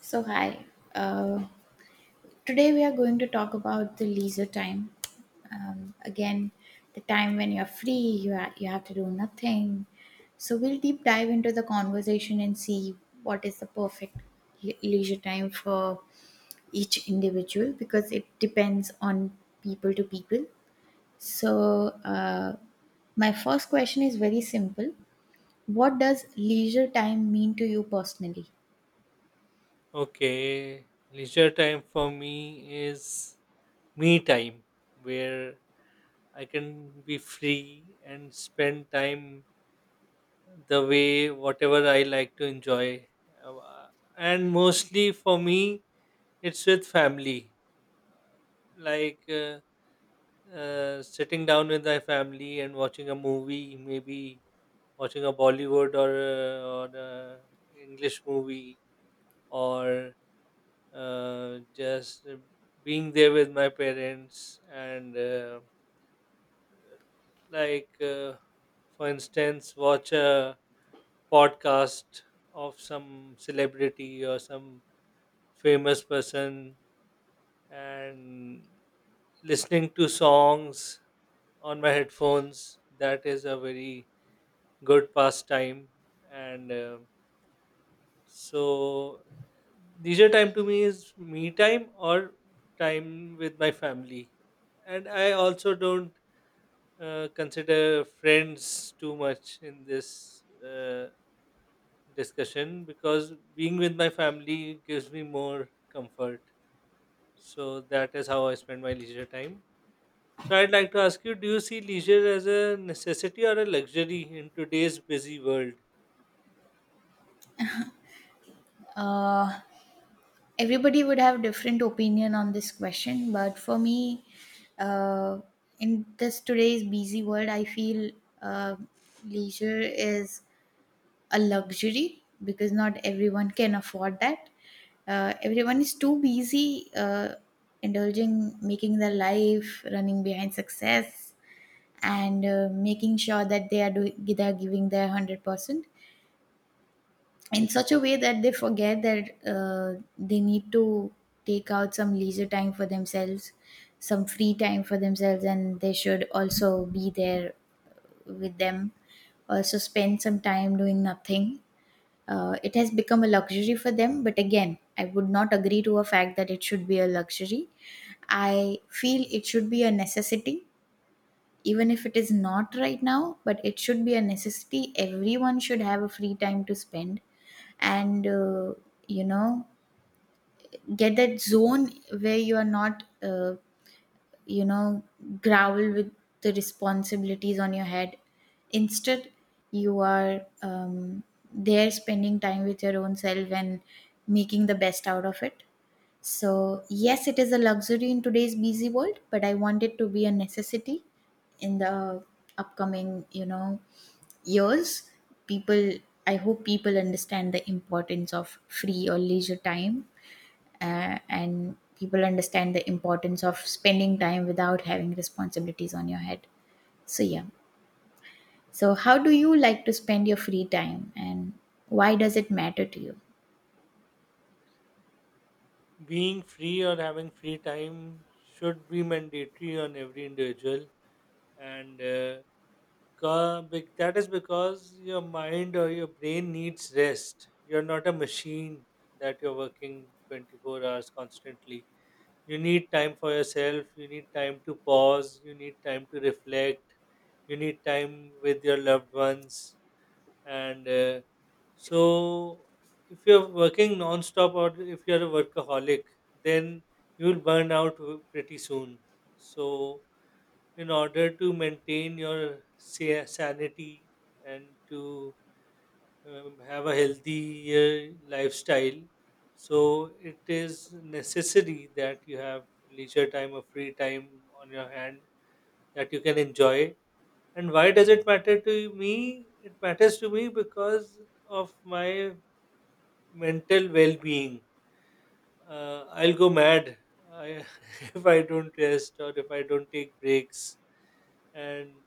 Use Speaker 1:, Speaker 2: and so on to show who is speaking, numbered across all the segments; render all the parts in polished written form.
Speaker 1: So, hi. Uh, Today we are going to talk about the leisure time. Again, the time when you're free, you have to do nothing. So, we'll deep dive into the conversation and see what is the perfect leisure time for each individual because it depends on people to people. So, my first question is very simple. What does leisure time mean to you personally?
Speaker 2: Okay, leisure time for me is me time, where I can be free and spend time the way whatever I like to enjoy. Uh, And mostly for me, it's with family, like uh, sitting down with my family and watching a movie, maybe watching a Bollywood or a English movie or just being there with my parents and like uh, for instance watch a podcast of some celebrity or some famous person and listening to songs on my headphones. That is a very good pastime and so leisure time to me is me time or time with my family. And I also don't consider friends too much in this discussion because being with my family gives me more comfort. So that is how I spend my leisure time. So I'd like to ask you, do you see leisure as a necessity or a luxury in today's busy world?
Speaker 1: Uh, Everybody would have different opinion on this question, but for me, uh, in this today's busy world, I feel uh, leisure is a luxury because not everyone can afford that. Everyone is too busy, indulging, making their life, running behind success, and making sure that they are doing, they are giving their 100% in such a way that they forget that they need to take out some leisure time for themselves, some free time for themselves, and they should also be there with them. Also, spend some time doing nothing. It has become a luxury for them, but again, I would not agree to a fact that it should be a luxury. I feel it should be a necessity, even if it is not right now, but it should be a necessity. Everyone should have a free time to spend and you know, get that zone where you are not you know, growl with the responsibilities on your head, instead you are there spending time with your own self and making the best out of it. So yes, it is a luxury in today's busy world, but I want it to be a necessity in the upcoming, you know, years. People, I hope people understand the importance of free or leisure time and people understand the importance of spending time without having responsibilities on your head. So yeah. So how do you like to spend your free time, and why does it matter to you?
Speaker 2: Being free or having free time should be mandatory on every individual, and that is because your mind or your brain needs rest. You're not a machine that you're working 24 hours constantly. You need time for yourself, you need time to pause, you need time to reflect, you need time with your loved ones and so if you're working non-stop or if you're a workaholic, then you'll burn out pretty soon. So in order to maintain your sanity and to have a healthy lifestyle, so it is necessary that you have leisure time or free time on your hand that you can enjoy. And why does it matter to me? It matters to me because of my mental well-being. I'll go mad I, if I don't rest or if I don't take breaks, and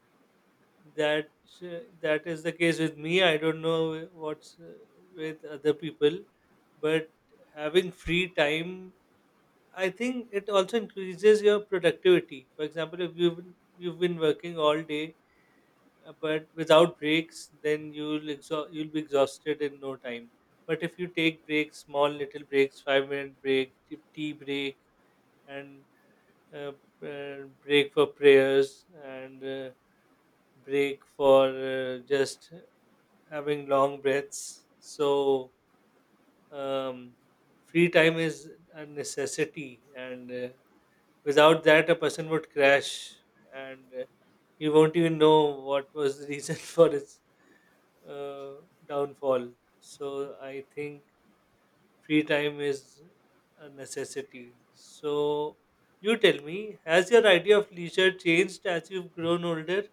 Speaker 2: that uh, that is the case with me. I don't know what's with other people, but having free time, I think it also increases your productivity. For example, if you've been working all day, but without breaks, then you'll you'll be exhausted in no time. But if you take breaks, small little breaks, 5-minute break, tea break and uh, break for prayers and break for just having long breaths, so um, free time is a necessity, and without that a person would crash, and he won't even know what was the reason for his uh, downfall. So I think free time is a necessity. So you tell me, has your idea of leisure changed as you've grown older?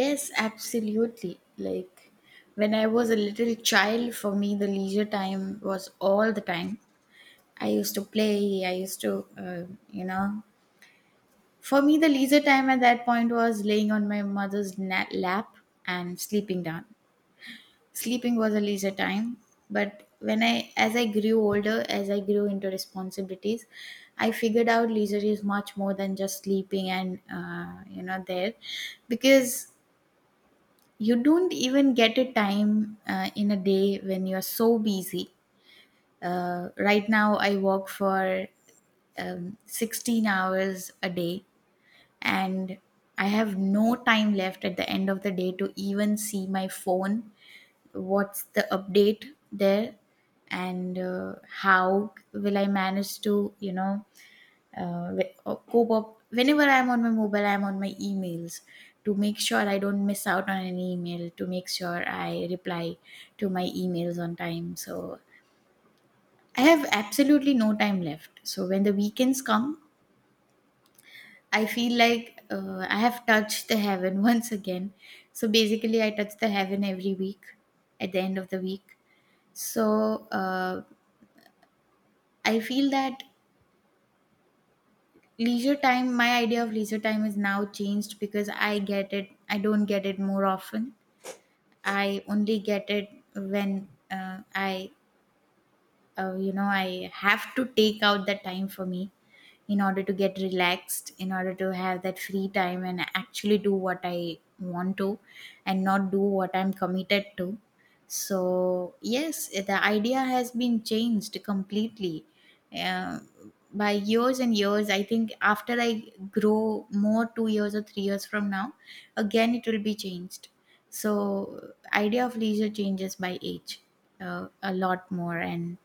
Speaker 1: Yes, absolutely. Like, when I was a little child, for me the leisure time was all the time. I used to play. I used to, you know, for me, the leisure time at that point was laying on my mother's lap and sleeping down. Sleeping was a leisure time, but when I, as I grew older, as I grew into responsibilities, I figured out leisure is much more than just sleeping and you know there, because you don't even get a time in a day when you are so busy. Right now, I work for 16 hours a day, and I have no time left at the end of the day to even see my phone. What's the update there, and how will I manage to, you know, cope up? Whenever I'm on my mobile, I'm on my emails to make sure I don't miss out on an email, to make sure I reply to my emails on time. So I have absolutely no time left. So when the weekends come, I feel like I have touched the heaven once again. So basically, I touch the heaven every week at the end of the week. So, I feel that leisure time, my idea of leisure time is now changed because I get it, I don't get it more often. I only get it when I you know, I have to take out that time for me in order to get relaxed, in order to have that free time and actually do what I want to and not do what I'm committed to. So yes, the idea has been changed completely. uh, by years and years, I think after I grow more 2 years or 3 years from now, again it will be changed. So idea of leisure changes by age a lot more, and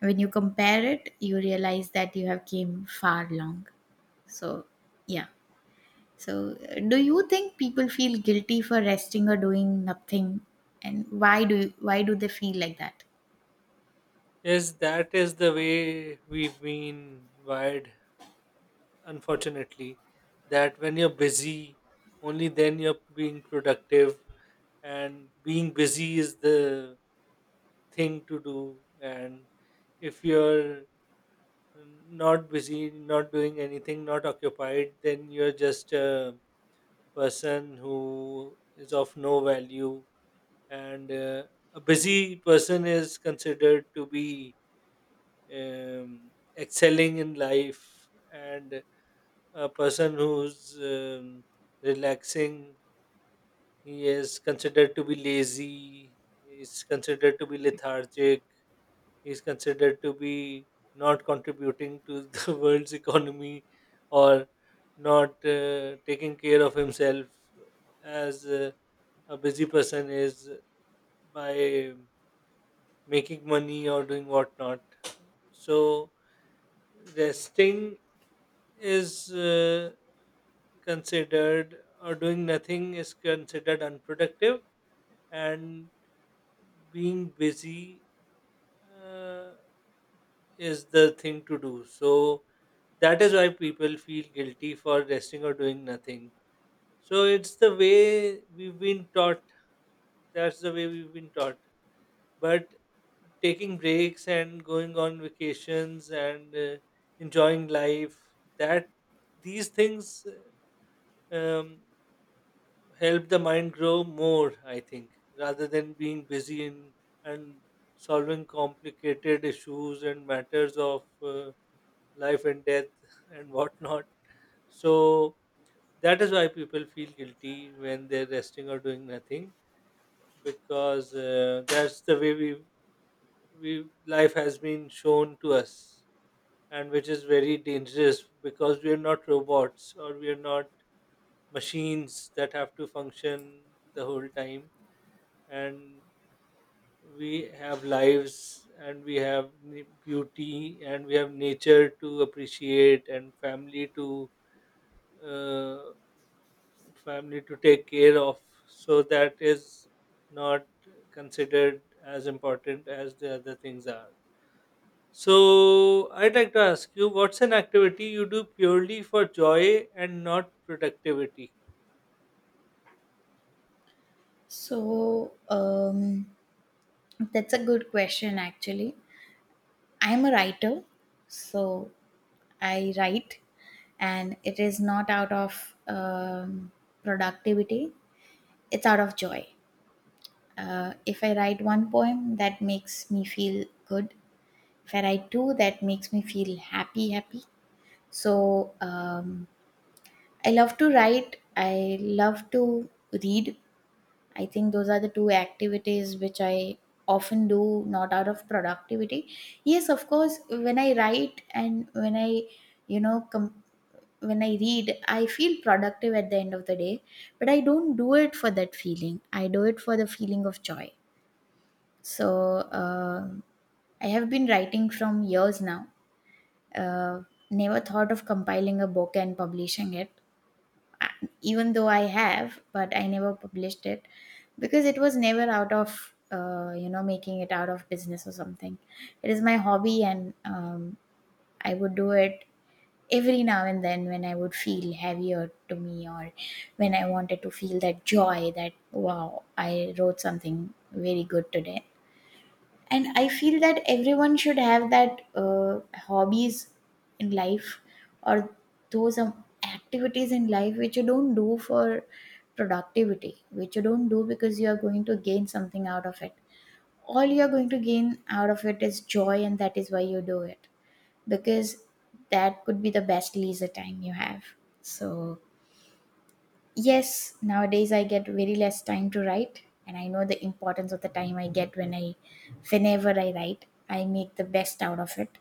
Speaker 1: when you compare it, you realize that you have came far long. So yeah. So, do you think people feel guilty for resting or doing nothing, and why do they feel like that?
Speaker 2: Yes, that is the way we've been wired, unfortunately, that when you're busy, only then you're being productive. And being busy is the thing to do, and if you're not busy, not doing anything, not occupied, then you're just a person who is of no value. And a busy person is considered to be um, excelling in life, and a person who's relaxing, he is considered to be lazy, he is considered to be lethargic, is considered to be not contributing to the world's economy, or not taking care of himself as a busy person is, by making money or doing whatnot. So resting is considered, or doing nothing is considered unproductive, and being busy uh, is the thing to do. So that is why people feel guilty for resting or doing nothing. So it's the way we've been taught. That's the way we've been taught. But taking breaks and going on vacations and enjoying life, that these things um, help the mind grow more, I think, rather than being busy in, and solving complicated issues and matters of life and death and whatnot. So that is why people feel guilty when they're resting or doing nothing, because that's the way we life has been shown to us, and which is very dangerous because we are not robots or we are not machines that have to function the whole time. And we have lives, and we have beauty, and we have nature to appreciate, and family to uh, family to take care of. So that is not considered as important as the other things are. So I'd like to ask you, what's an activity you do purely for joy and not productivity?
Speaker 1: So that's a good question actually. I'm a writer. So I write, and it is not out of productivity, it's out of joy. If I write one poem that makes me feel good, where I do that makes me feel happy. So I love to write. I love to read. I think those are the two activities which I often do, not out of productivity. Yes, of course, when I write and when I, you know, com- when I read, I feel productive at the end of the day, but I don't do it for that feeling. I do it for the feeling of joy. So I have been writing from years now. uh, Never thought of compiling a book and publishing it, uh, even though I have, but I never published it because it was never out of, you know, making it out of business or something. It is my hobby, and I would do it every now and then when I would feel heavier to me or when I wanted to feel that joy that, wow, I wrote something very good today. And I feel that everyone should have that hobbies in life, or those activities in life which you don't do for productivity, which you don't do because you are going to gain something out of it. All you are going to gain out of it is joy, and that is why you do it, because that could be the best leisure time you have. So yes, nowadays I get very less time to write, and I know the importance of the time I get when I, whenever I write, I make the best out of it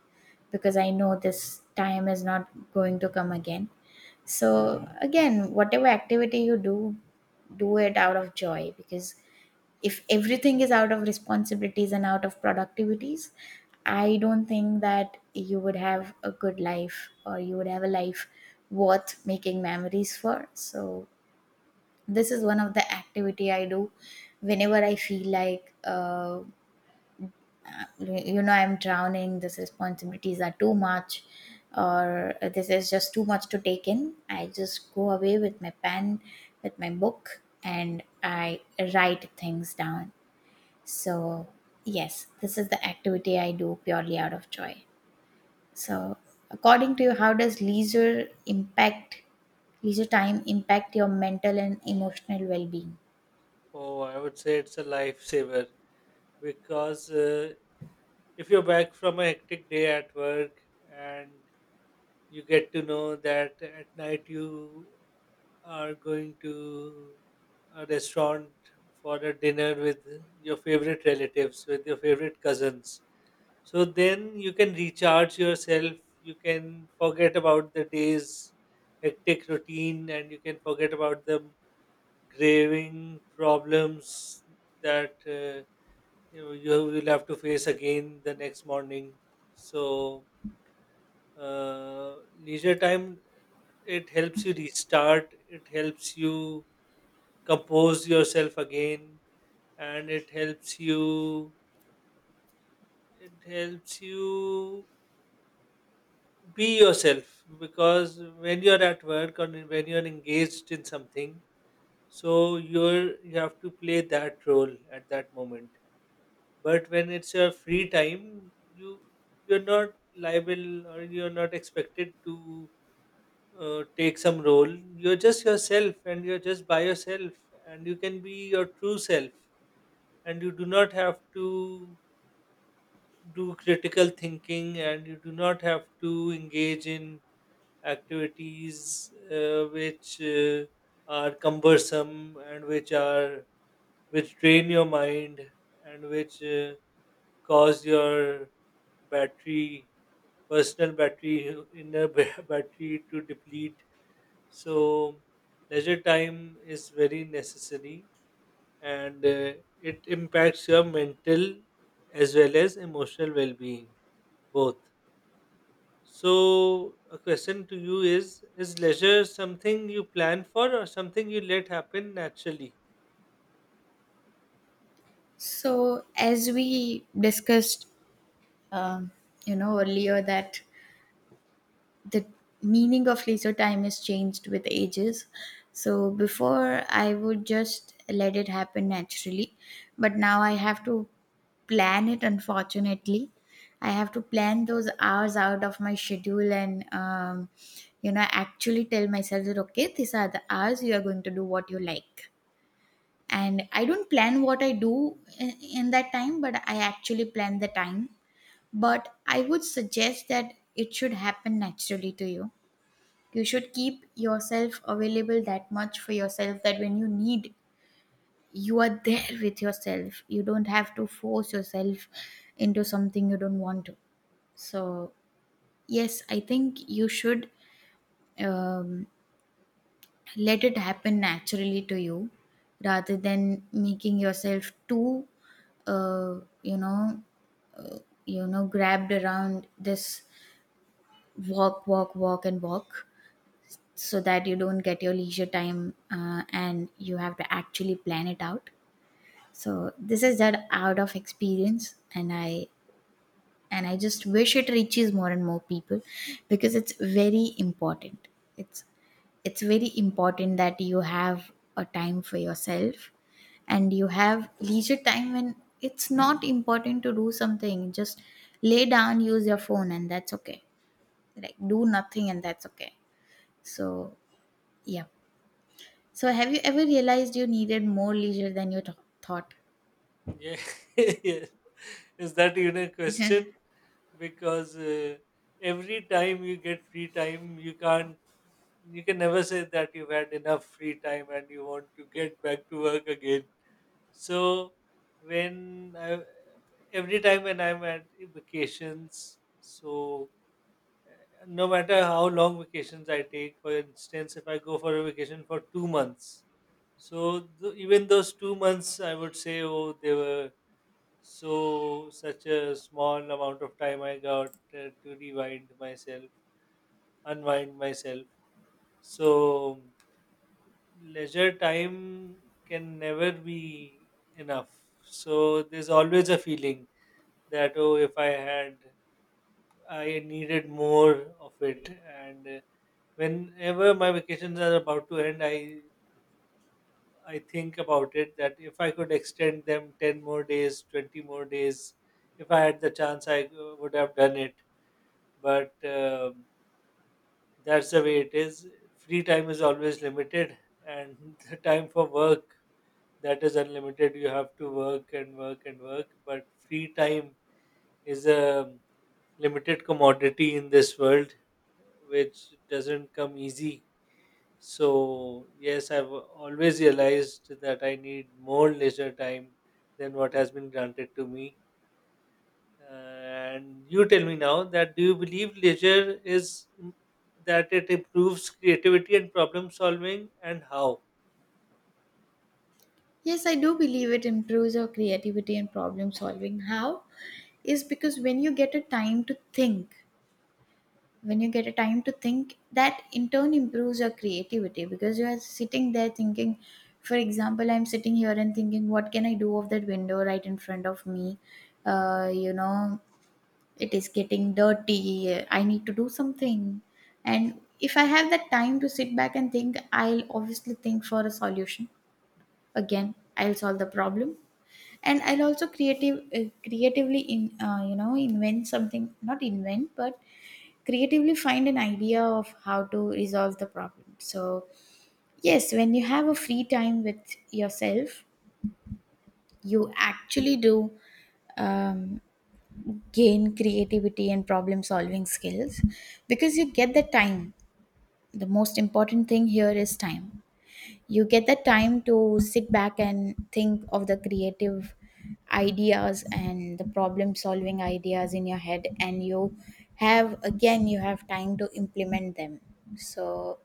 Speaker 1: because I know this time is not going to come again. So, again, whatever activity you do, do it out of joy, because if everything is out of responsibilities and out of productivities, I don't think that you would have a good life or you would have a life worth making memories for. So, this is one of the activity I do whenever I feel like you know, I'm drowning, these responsibilities are too much, or this is just too much to take in. I just go away with my pen, with my book, and I write things down. So yes, this is the activity I do purely out of joy. So according to you, how does leisure time impact your mental and emotional well-being?
Speaker 2: Oh, I would say it's a lifesaver because if you're back from a hectic day at work, and you get to know that at night you are going to a restaurant for a dinner with your favorite relatives, with your favorite cousins. So then you can recharge yourself, you can forget about the day's hectic routine, and you can forget about the graving problems that you know you will have to face again the next morning. So leisure time, it helps you restart. It helps you compose yourself again, and it helps you, it helps you be yourself. Because when you're at work or when you're engaged in something, so you have to play that role at that moment. But when it's your free time, you, you're not liable, or you're not expected to take some role. You're just yourself, and you're just by yourself, and you can be your true self. And you do not have to do critical thinking, and you do not have to engage in activities which are cumbersome, and which are, which drain your mind, and which cause your battery, personal battery, battery to deplete. So leisure time is very necessary, and it impacts your mental as well as emotional well-being, both. So a question to you is leisure something you plan for or something you let happen naturally?
Speaker 1: So, as we discussed, um, you know, earlier that the meaning of leisure time is changed with ages. So, before I would just let it happen naturally, but now I have to plan it, unfortunately. I have to plan those hours out of my schedule, and you know, actually tell myself that, okay, these are the hours you are going to do what you like, and I don't plan what I do in that time, but I actually plan the time. But I would suggest that it should happen naturally to you. You should keep yourself available that much for yourself that when you need, you are there with yourself. You don't have to force yourself into something you don't want to. So yes, I think you should um, let it happen naturally to you rather than making yourself too uh, you know, uh, you know, grabbed around this, walk, and walk, so that you don't get your leisure time, and you have to actually plan it out. So this is that out of experience, and I just wish it reaches more and more people, because it's very important. it's it's very important that you have a time for yourself and you have leisure time when it's not important to do something. Just lay down, use your phone, and that's okay. Like, do nothing, and that's okay. So yeah. So have you ever realized you needed more leisure than you thought?
Speaker 2: Yeah. Yes. Is that even a question? Because every time you get free time, you can't, you can never say that you've had enough free time and you want to get back to work again. So, when I, every time when I'm at vacations, so no matter how long vacations I take, for instance, if I go for a vacation for 2 months, so even those 2 months, I would say, oh, they were so such a small amount of time I got to rewind myself, unwind myself. So leisure time can never be enough. So there's always a feeling that, oh, if I had, I needed more of it, and whenever my vacations are about to end, I think about it that if I could extend them 10 more days, 20 more days, if I had the chance, I would have done it. But that's the way it is. Free time is always limited, and the time for work, that is unlimited. You have to work and work and work, but free time is a limited commodity in this world which doesn't come easy. So, yes, I've always realized that I need more leisure time than what has been granted to me. And you tell me now that, do you believe leisure is, that it improves creativity and problem solving, and how?
Speaker 1: Yes, I do believe it improves your creativity and problem solving. How is because when you get a time to think, when you get a time to think, that in turn improves your creativity, because you are sitting there thinking. For example, I'm sitting here and thinking what can I do of that window right in front of me. You know, it is getting dirty, I need to do something. And if I have that time to sit back and think, I'll obviously think for a solution. Again, I'll solve the problem, and I'll also creative creatively in, you know, invent something, not invent, but creatively find an idea of how to resolve the problem. So yes, when you have a free time with yourself, you actually do um, gain creativity and problem solving skills, because you get the time. The most important thing here is time. You get the time to sit back and think of the creative ideas and the problem solving ideas in your head, and you have, again, you have time to implement them. So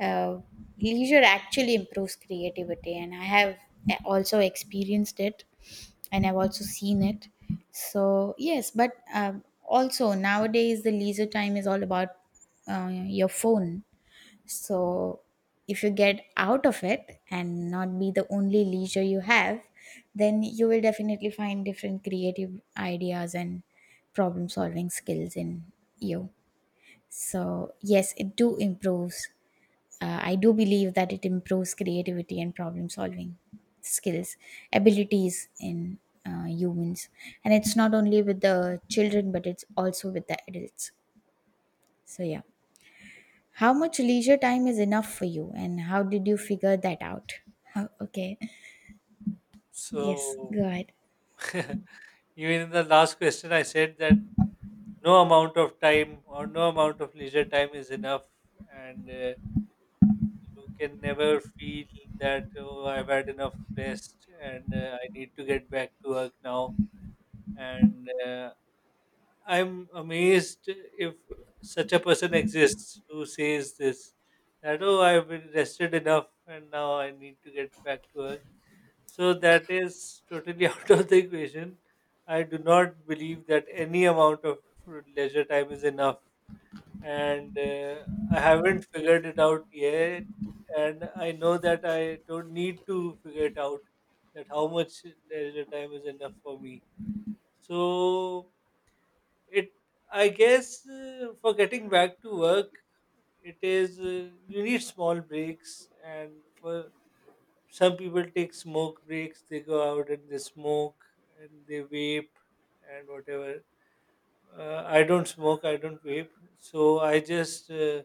Speaker 1: uh, leisure actually improves creativity, and I have also experienced it, and I've also seen it. So yes, but also nowadays the leisure time is all about uh, your phone. So if you get out of it and not be the only leisure you have, then you will definitely find different creative ideas and problem solving skills in you. So yes, it do improves. I do believe that it improves creativity and problem solving skills, abilities in humans. And it's not only with the children, but it's also with the adults. So, yeah. How much leisure time is enough for you, and how did you figure that out? Oh, okay. Yes,
Speaker 2: So,
Speaker 1: go ahead.
Speaker 2: even in the last question, I said that no amount of time or no amount of leisure time is enough, and you can never feel that, oh, I've had enough rest and I need to get back to work now. And I'm amazed if such a person exists who says this, that, oh, I've been rested enough and now I need to get back to work. So that is totally out of the equation. I do not believe that any amount of leisure time is enough, and I haven't figured it out yet. And I know that I don't need to figure it out, that how much leisure time is enough for me. So it, I guess, for getting back to work, it is you need small breaks, and for some people take smoke breaks. They go out and they smoke, and they vape, and whatever. I don't smoke, I don't vape. So I just.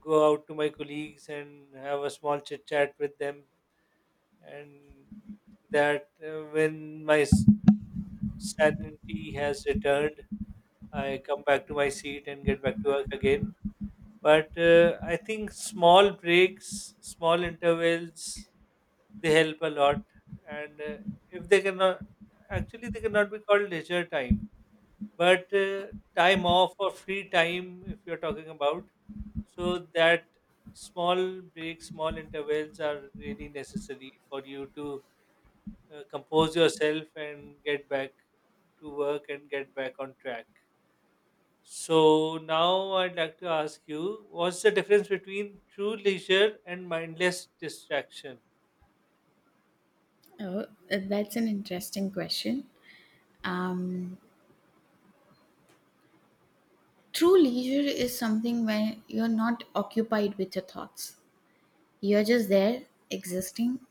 Speaker 2: Go out to my colleagues and have a small chit chat with them, and that when my sanity has returned, I come back to my seat and get back to work again. But I think small breaks, small intervals, they help a lot. And if they cannot, actually they cannot be called leisure time, but time off or free time, if you're talking about, so that small breaks, small intervals are really necessary for you to compose yourself and get back to work and get back on track. So now I'd like to ask you, what's the difference between true leisure and mindless distraction?
Speaker 1: Oh, that's an interesting question. Um, True leisure is something where you're not occupied with your thoughts. You're just there, existing,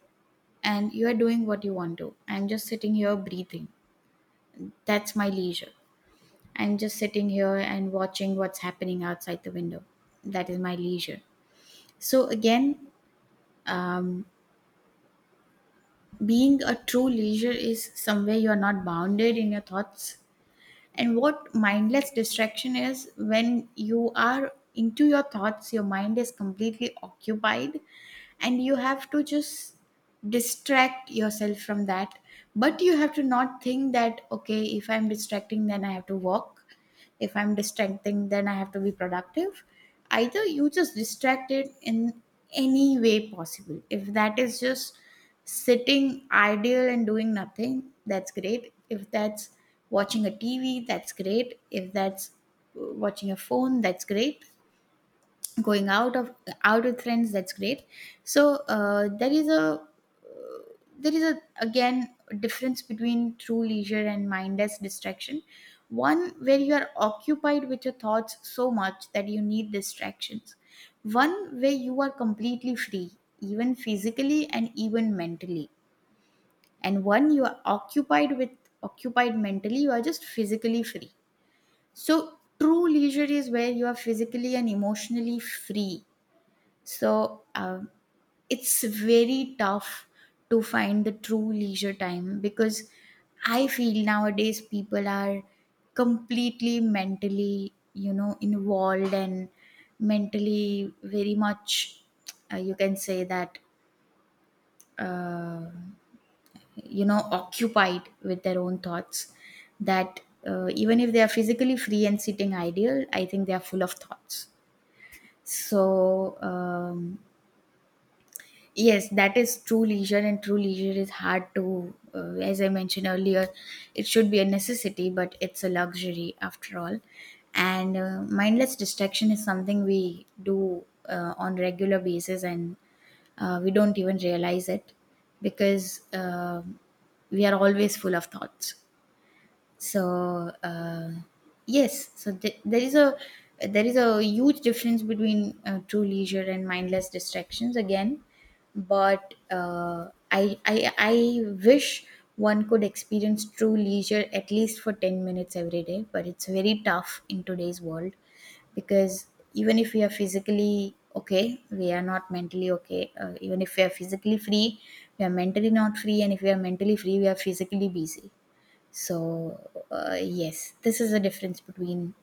Speaker 1: and you are doing what you want to. I'm just sitting here breathing. That's my leisure. I'm just sitting here and watching what's happening outside the window. That is my leisure. So, again, um, being a true leisure is somewhere you're not bounded in your thoughts. And what mindless distraction is, when you are into your thoughts, your mind is completely occupied, and you have to just distract yourself from that. But you have to not think that, okay, if I'm distracting, then I have to work. If I'm distracting, then I have to be productive. Either you just distract it in any way possible. If that is just sitting idle and doing nothing, that's great. If that's watching a TV, that's great. If that's watching a phone, that's great. Going out of, out with friends, that's great. So there is a again difference between true leisure and mindless distraction. One where you are occupied with your thoughts so much that you need distractions, one where you are completely free, even physically and even mentally, and one you are occupied with, occupied mentally, you are just physically free. So true leisure is where you are physically and emotionally free. So it's very tough to find the true leisure time, because I feel nowadays people are completely mentally, you know, involved, and mentally very much, you can say that, uh, you know, occupied with their own thoughts, that even if they are physically free and sitting ideal, I think they are full of thoughts. So yes, that is true leisure. And true leisure is hard to, as I mentioned earlier, it should be a necessity, but it's a luxury after all. And mindless distraction is something we do on regular basis, and we don't even realize it, because um we are always full of thoughts. So yes, so there is a huge difference between true leisure and mindless distractions, again. But I wish one could experience true leisure at least for 10 minutes every day, but it's very tough in today's world, because even if we are physically okay, we are not mentally okay. Even if we are physically free, we are mentally not free, and if we are mentally free, we are physically busy. So, yes, this is the difference between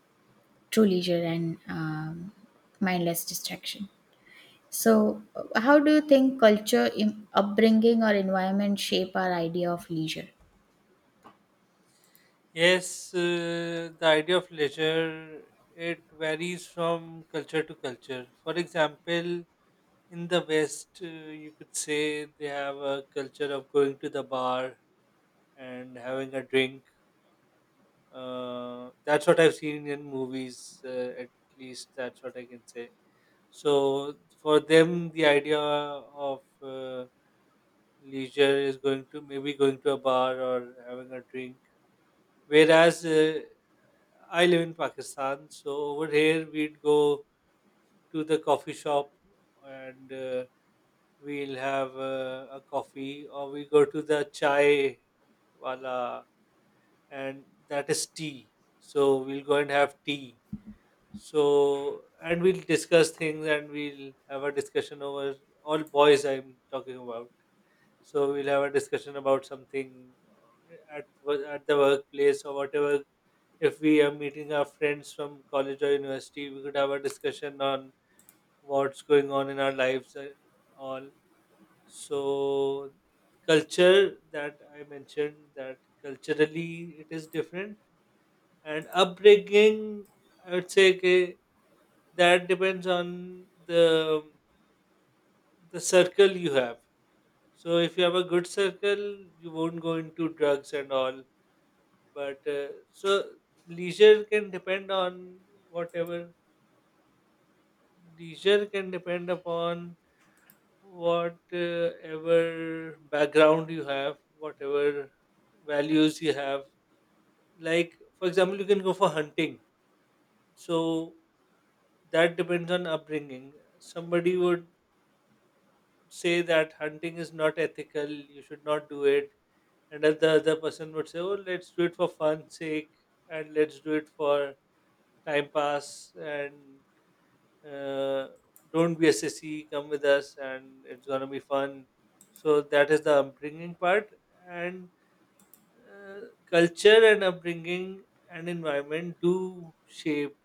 Speaker 1: true leisure and mindless distraction. So, how do you think culture, upbringing, or environment shape our idea of leisure?
Speaker 2: Yes, the idea of leisure, it varies from culture to culture. For example, in the West, you could say they have a culture of going to the bar and having a drink. That's what I've seen in movies, at least that's what I can say. So for them, the idea of leisure is going to, maybe going to a bar or having a drink. Whereas I live in Pakistan, so over here we'd go to the coffee shop and. We'll have a coffee, or we go to the chai wala, and that is tea, so we'll go and have tea. So, and we'll discuss things, and we'll have a discussion over, all boys I'm talking about, so we'll have a discussion about something at the workplace or whatever. If we are meeting our friends from college or university, we could have a discussion on what's going on in our lives and all. So culture, that I mentioned, that culturally it is different. And upbringing, I would say, okay, that depends on the circle you have. So if you have a good circle, you won't go into drugs and all. But so leisure can depend on whatever, leisure can depend upon whatever background you have, whatever values you have. Like, for example, you can go for hunting. So that depends on upbringing. Somebody would say that hunting is not ethical, you should not do it. And then the other person would say, oh, let's do it for fun's sake, and let's do it for time pass, and uh, don't be a sissy, come with us, and it's gonna be fun. So that is the upbringing part, and uh, culture and upbringing and environment do shape,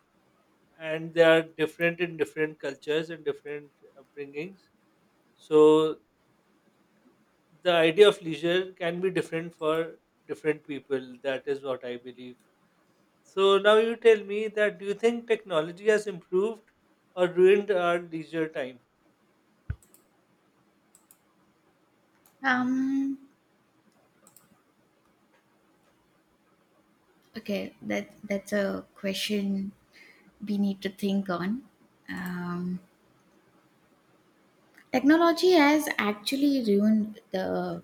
Speaker 2: and they are different in different cultures and different upbringings. So the idea of leisure can be different for different people. That is what I believe. So now you tell me that, do you think technology has improved or ruined our leisure time?
Speaker 1: Um. Okay, that that's a question we need to think on. Um, Technology has actually ruined the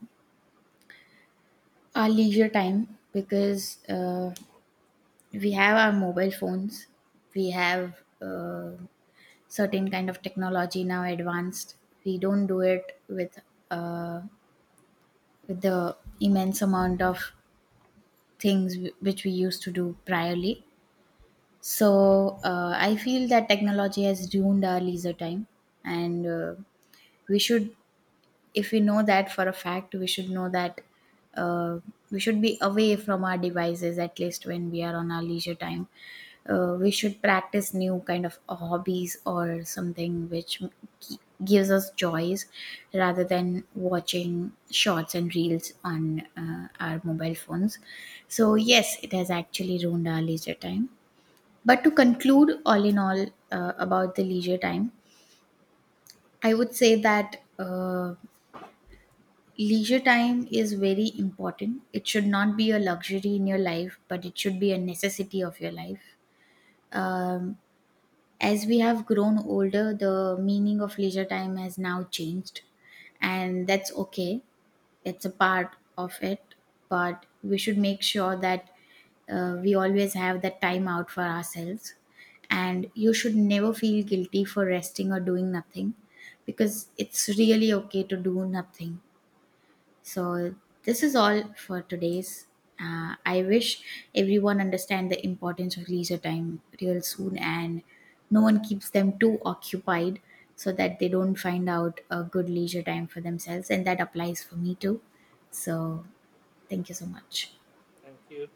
Speaker 1: our leisure time, because we have our mobile phones, we have certain kind of technology now advanced. We don't do it uh, with the immense amount of things which we used to do priorly. So I feel that technology has ruined our leisure time. And we should, if we know that for a fact, we should know that uh, we should be away from our devices at least when we are on our leisure time. We should practice new kind of hobbies or something which gi- gives us joys, rather than watching shorts and reels on our mobile phones. So yes, it has actually ruined our leisure time. But to conclude, all in all, about the leisure time, I would say that. Leisure time is very important. It should not be a luxury in your life, but it should be a necessity of your life. Um, as we have grown older, the meaning of leisure time has now changed, and that's okay. It's a part of it, but we should make sure that we always have that time out for ourselves. And you should never feel guilty for resting or doing nothing, because it's really okay to do nothing. So this is all for today's. I wish everyone understand the importance of leisure time real soon, and no one keeps them too occupied so that they don't find out a good leisure time for themselves, and that applies for me too. So thank you so much.
Speaker 2: Thank you.